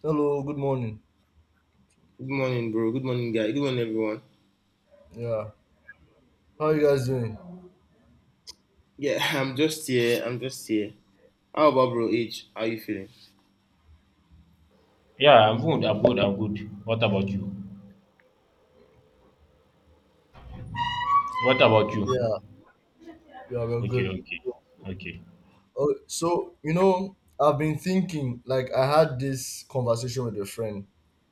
Hello, good morning. Good morning, bro. Good morning, guy. Good morning, everyone. Yeah, how you guys doing? Yeah, I'm just here. How about bro H? How you feeling? Yeah, I'm good. I'm good. I'm good. What about you? What about you? Yeah, yeah, we're Okay, good. okay, okay. Oh, so you know, I've been thinking. Like, I had this conversation with a friend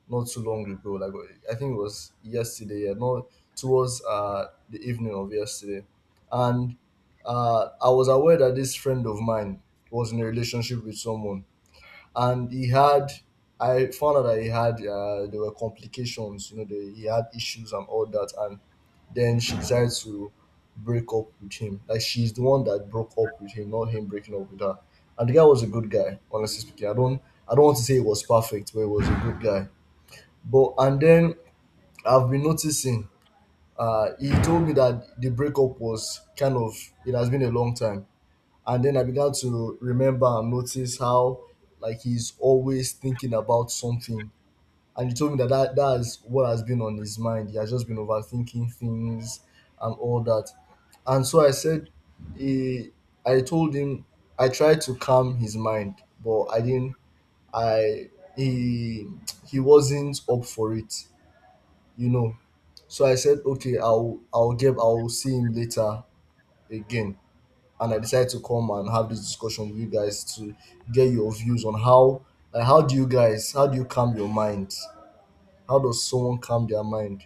not too long ago. Like, I think it was yesterday. Yeah, not towards the evening of yesterday, and I was aware that this friend of mine was in a relationship with someone and he had I found out that he had, there were complications, you know, he had issues and all that, and then she decided to break up with him. Like, she's the one that broke up with him, not him breaking up with her. And the guy was a good guy, honestly speaking. I don't want to say he was perfect, but he was a good guy. But and then I've been noticing, he told me that the breakup was kind of, it has been a long time. And then I began to remember and notice how, like, he's always thinking about something. And he told me that that is what has been on his mind. He has just been overthinking things and all that. And so I said, he, I told him, I tried to calm his mind, but I didn't I he he wasn't up for it, you know. So I said, okay, I'll see him later again. And I decided to come and have this discussion with you guys to get your views on how, like, how do you calm your mind? How does someone calm their mind?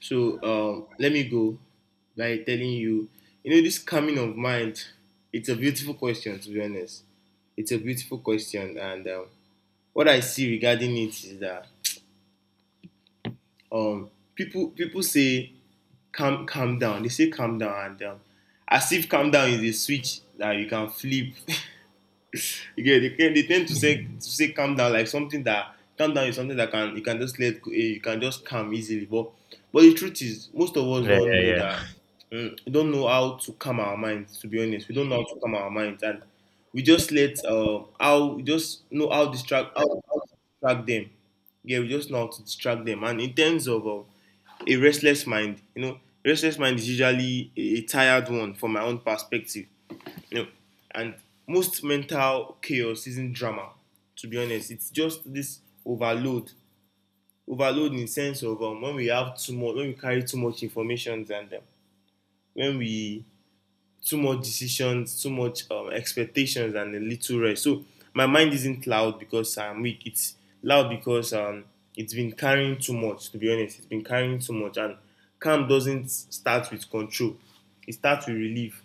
So, let me go by telling you, you know, this coming of mind, it's a beautiful question, to be honest. It's a beautiful question, and what I see regarding it is that people say calm down. They say calm down, and as if calm down is a switch that you can flip. You get, they tend to say calm down like something that calm down is something that can you can just let you can just calm easily. But the truth is most of us Yeah, yeah, don't know that yeah. We don't know how to calm our minds. To be honest, we don't know how to calm our minds, and we just let how we just know how distract how to distract them. Yeah, we just know how to distract them. And in terms of a restless mind, you know, restless mind is usually a tired one from my own perspective, no, and most mental chaos isn't drama. To be honest, it's just this overload, overload in the sense of when we have too much, when we carry too much information and when we too much decisions, too much expectations, and a little rest. So my mind isn't loud because I'm weak. It's loud because it's been carrying too much. To be honest, it's been carrying too much, and calm doesn't start with control. It starts with relief.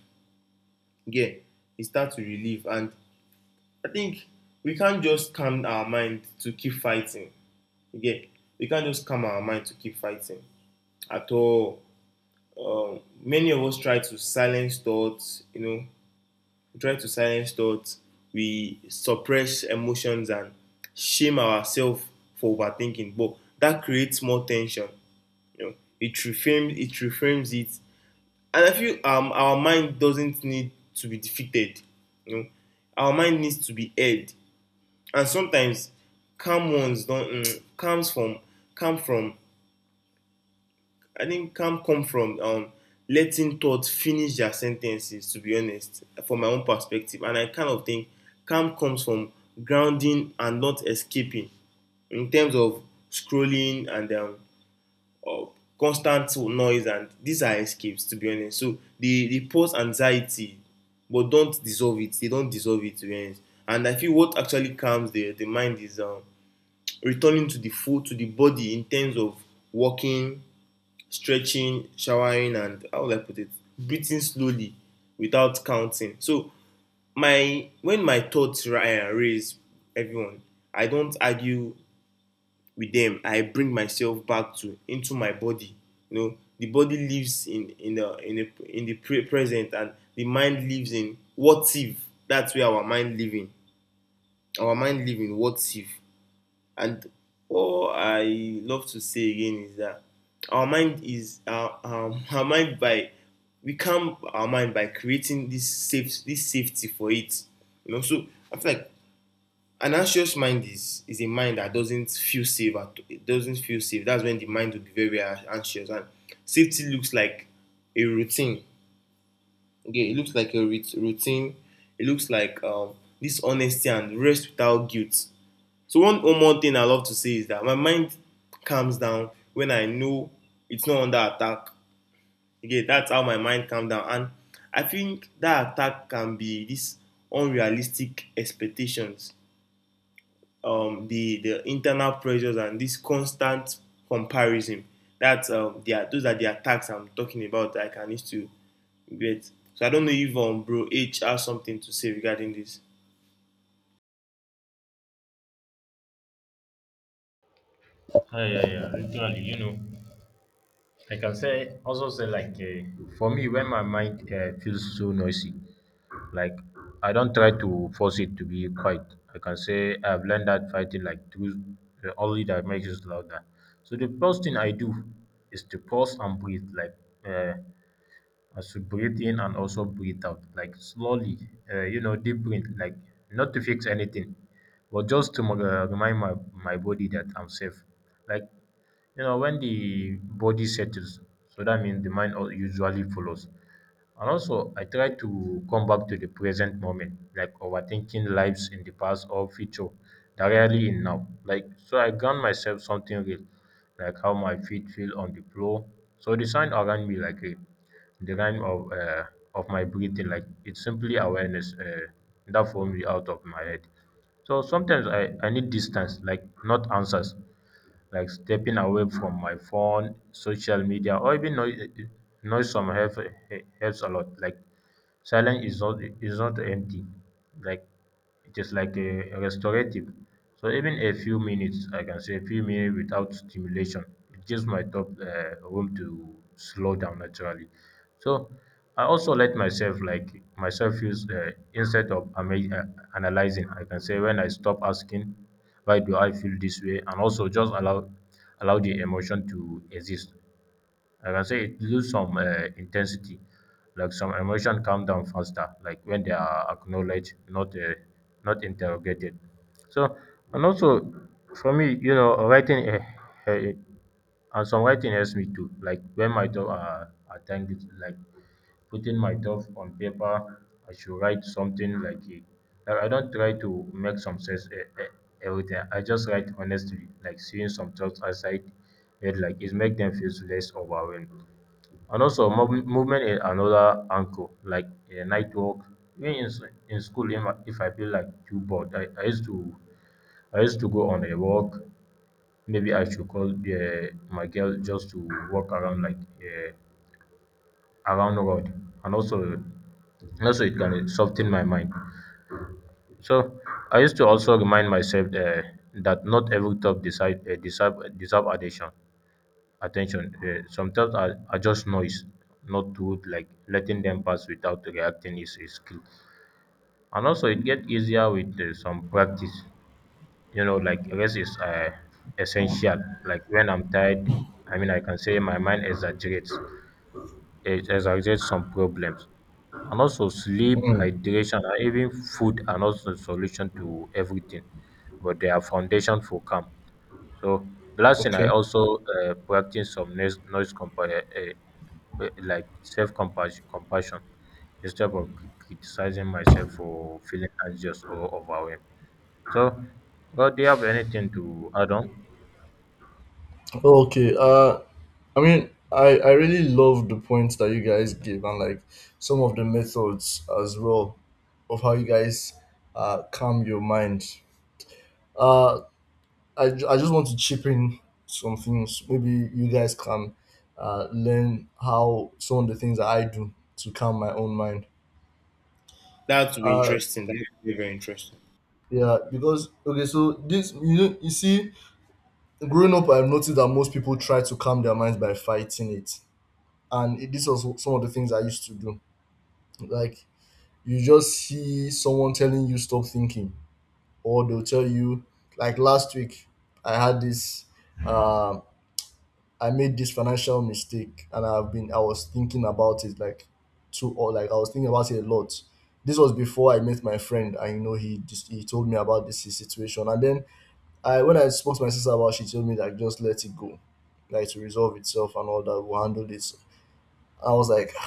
Yeah, it starts with relief, and I think we can't just calm our mind to keep fighting. Again, we can't just calm our mind to keep fighting at all. Many of us try to silence thoughts, you know, we try to silence thoughts, we suppress emotions and shame ourselves for overthinking, but that creates more tension. You know, it reframes it. And I feel our mind doesn't need to be defeated. You know, our mind needs to be aired, and sometimes calm ones don comes from come from I think calm come from letting thoughts finish their sentences. To be honest, from my own perspective, and I kind of think calm comes from grounding and not escaping, in terms of scrolling and uh, constant noise, and these are escapes, to be honest. So they pause anxiety but don't dissolve it. They don't dissolve it, to be honest. And I feel what actually calms the mind is returning to the full to the body, in terms of walking, stretching, showering, and how would I put it? Breathing slowly without counting. So my when my thoughts raise everyone, I don't argue with them. I bring myself back to into my body. You know, the body lives in the present, and the mind lives in what if. That's where our mind living. Our mind living what if. And all I love to say again is that our mind by we calm our mind by creating this safety for it. You know, so I feel like an anxious mind is a mind that doesn't feel safe. It doesn't feel safe. That's when the mind will be very anxious. And safety looks like a routine. Okay, it looks like a routine. It looks like this honesty and rest without guilt. So one more thing I love to say is that my mind calms down when I know it's not under attack. Again, that's how my mind calms down. And I think that attack can be these unrealistic expectations, the internal pressures, and this constant comparison. That's they Those are the attacks I'm talking about that I can need to get. So I don't know if bro H has something to say regarding this. Yeah, yeah, yeah. Literally, you know, like I can say for me when my mind feels so noisy, like I don't try to force it to be quiet. Like I can say I've learned that fighting like truth only that makes it louder. So the first thing I do is to pause and breathe, like. Uh, I should breathe in and also breathe out, like slowly, you know, deep breath, like not to fix anything, but just to remind my body that I'm safe. Like, you know, when the body settles, so that means the mind usually follows. And also, I try to come back to the present moment, like overthinking lives in the past or future that rarely in now. Like, so I ground myself something real, like how my feet feel on the floor. So the sound around me, like a, the rhyme of my breathing, like it's simply awareness that formed me out of my head. So sometimes I need distance, like not answers like stepping away from my phone, social media, or even noise, noise some helps a lot. Like silence is not empty. Like it is like a restorative. So even a few minutes, I can say a few minutes without stimulation, it gives my top room to slow down naturally. So I also let myself like myself use instead of ama- analyzing. I can say when I stop asking why do I feel this way? And also just allow the emotion to exist. Like I can say it lose some intensity. Like some emotion calm down faster, like when they are acknowledged, not interrogated. So and also for me, you know, writing uh, and some writing helps me too. Like when my thoughts are tangled, like putting my thoughts on paper. I should write something like a like I don't try to make some sense everything. I just write honestly, like seeing some thoughts aside, it like it make them feel less overwhelmed. And also movement is another anchor, like a night walk. Even in, in school, if I feel like too bored, I used to go on a walk. Maybe I should call my girl just to walk around like around the world, and also it can soften my mind. So I used to also remind myself that not every thought decide deserve deserve attention some thoughts are just noise, not truth. Like letting them pass without reacting is a skill, and also it get easier with some practice. You know, like rest is essential. Like when I'm tired, I mean, I can say my mind exaggerates. It exacerbate some problems. And also, sleep, Mm, hydration, and even food are not the solution to everything, but they are foundation for calm. So, the last thing I okay. also practice some noise, noise compa- like self compassion instead of criticizing myself for feeling anxious or overwhelmed. So, well, do you have anything to add on? Okay. I mean, I really love the points that you guys give, and like some of the methods as well of how you guys calm your mind. Uh, I, I just want to chip in some things. Maybe you guys can learn how some of the things that I do to calm my own mind. That would be Uh, interesting. That would be very interesting. yeah, because okay, so this, you know, you see, growing up, I've noticed that most people try to calm their minds by fighting it. And this was some of the things I used to do. Like, you just see someone telling you stop thinking, or they'll tell you, like, last week I had this. um I made this financial mistake, and I was thinking about it like too, or like I was thinking about it a lot. This was before I met my friend. And you know, he told me about this, his situation. And then I when I spoke to my sister about it, she told me, like, just let it go. Like, to resolve itself, and all that, we'll handle this. I was like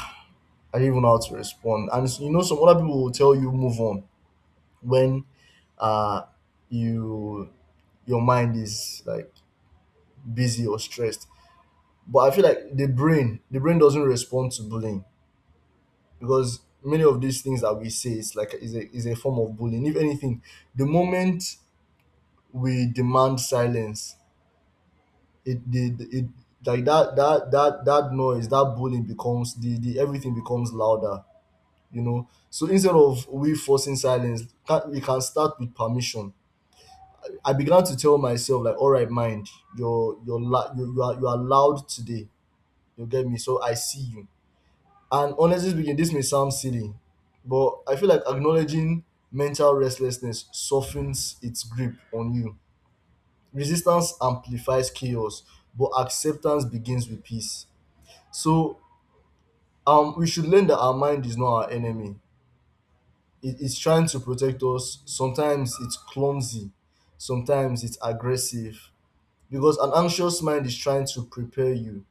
I didn't even know how to respond. And you know, some other people will tell you move on when, uh you your mind is like busy or stressed. But I feel like the brain doesn't respond to bullying, because many of these things that we say is like is a form of bullying. If anything, the moment we demand silence, it the it, it like that noise, that bullying becomes the everything becomes louder, you know. So instead of we forcing silence, we can start with permission. I began to tell myself, like, all right, mind, you're la- you, you are loud today. You get me? So I see you. And honestly speaking, this may sound silly, but I feel like acknowledging mental restlessness softens its grip on you. Resistance amplifies chaos, but acceptance begins with peace. So, we should learn that our mind is not our enemy. It's trying to protect us. Sometimes it's clumsy, sometimes it's aggressive. Because an anxious mind is trying to prepare you,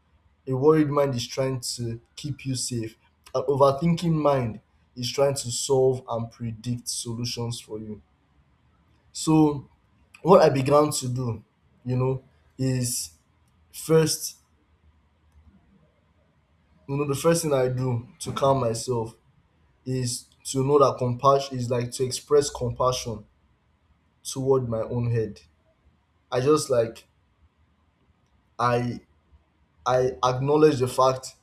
a worried mind is trying to keep you safe, an overthinking mind is trying to solve and predict solutions for you. So what I began to do, you know, is first, you know, the first thing I do to calm myself is to know that compassion is like, to express compassion toward my own head. I just like, I I acknowledge the fact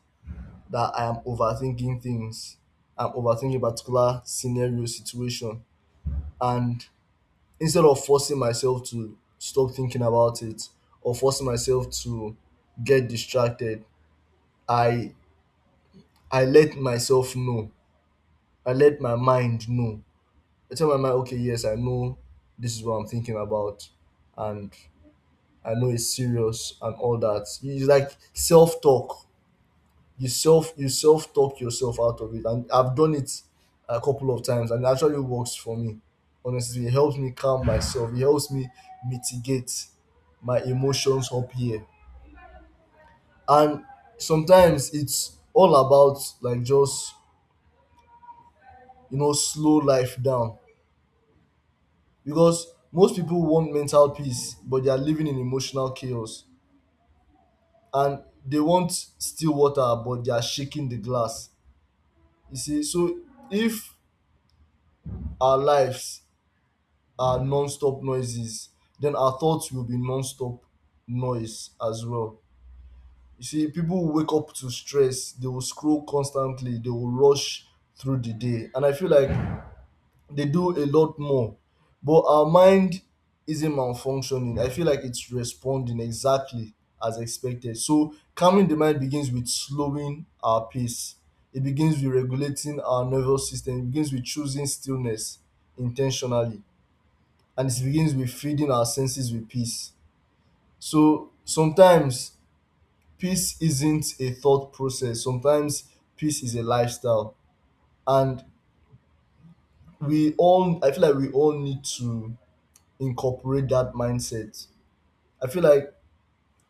that I am overthinking things. I'm overthinking a particular scenario, situation. And instead of forcing myself to stop thinking about it, or forcing myself to get distracted, I I let myself know. I let my mind know. I tell my mind, okay, yes, I know this is what I'm thinking about, and I know it's serious and all that. It's like self talk. You self talk yourself out of it, and I've done it a couple of times, and it actually works for me. Honestly, it helps me calm myself, it helps me mitigate my emotions up here. And sometimes it's all about, like, just, you know, slow life down. Because most people want mental peace, but they are living in emotional chaos, and they want still water, but they are shaking the glass. You see? So if our lives are non-stop noises, then our thoughts will be non-stop noise as well. You see, people will wake up to stress, they will scroll constantly, they will rush through the day. And I feel like they do a lot more. But our mind isn't malfunctioning. I feel like it's responding exactly as expected. So calming the mind begins with slowing our pace. It begins with regulating our nervous system. It begins with choosing stillness intentionally, and it begins with feeding our senses with peace. So sometimes peace isn't a thought process. Sometimes peace is a lifestyle. And we all, I feel like we all need to incorporate that mindset. I feel like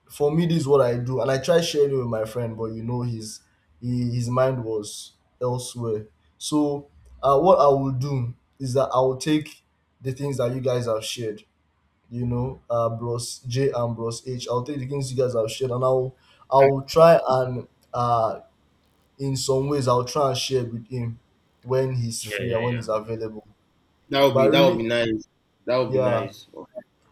for me, this is what I do, and I try sharing it with my friend, but you know, his mind was elsewhere. So what I will do is that I will take the things that you guys have shared, you know, Bros J and Bros H. I'll take the things you guys have shared, and I'll try and, uh, in some ways, I'll try and share with him when he's Yeah, free yeah, and when he's yeah, available. But I That would really, be nice. That would be yeah, nice.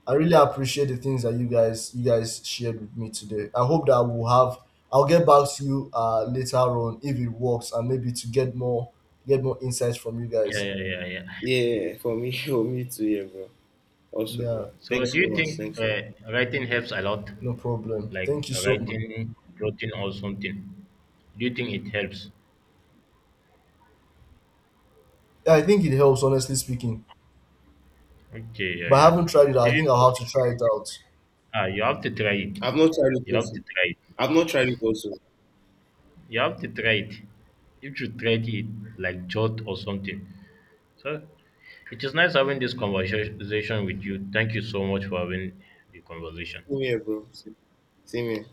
I really appreciate the things that you guys shared with me today. I hope that we'll have. I'll get back to you later on if it works, and maybe to get more insights from you yeah, guys. yeah, yeah, yeah. Yeah, for me, for me too, yeah, bro. Also, bro. Yeah, So, Thanks do so you much. think Thanks so much. Writing helps a lot? no problem. Like Thank you so much. writing protein or something. Do you think it helps? I think it helps, honestly speaking. Okay, yeah, But I yeah. haven't tried it out. I Maybe think for I'll have me, to try it out. ah, you have to try it. I've not tried it You have also. to try it. I've not tried it also. You have to try it. You should try it, like jot or something. So it is nice having this conversation with you. Thank you so much for having the conversation. Same here, bro. Same here.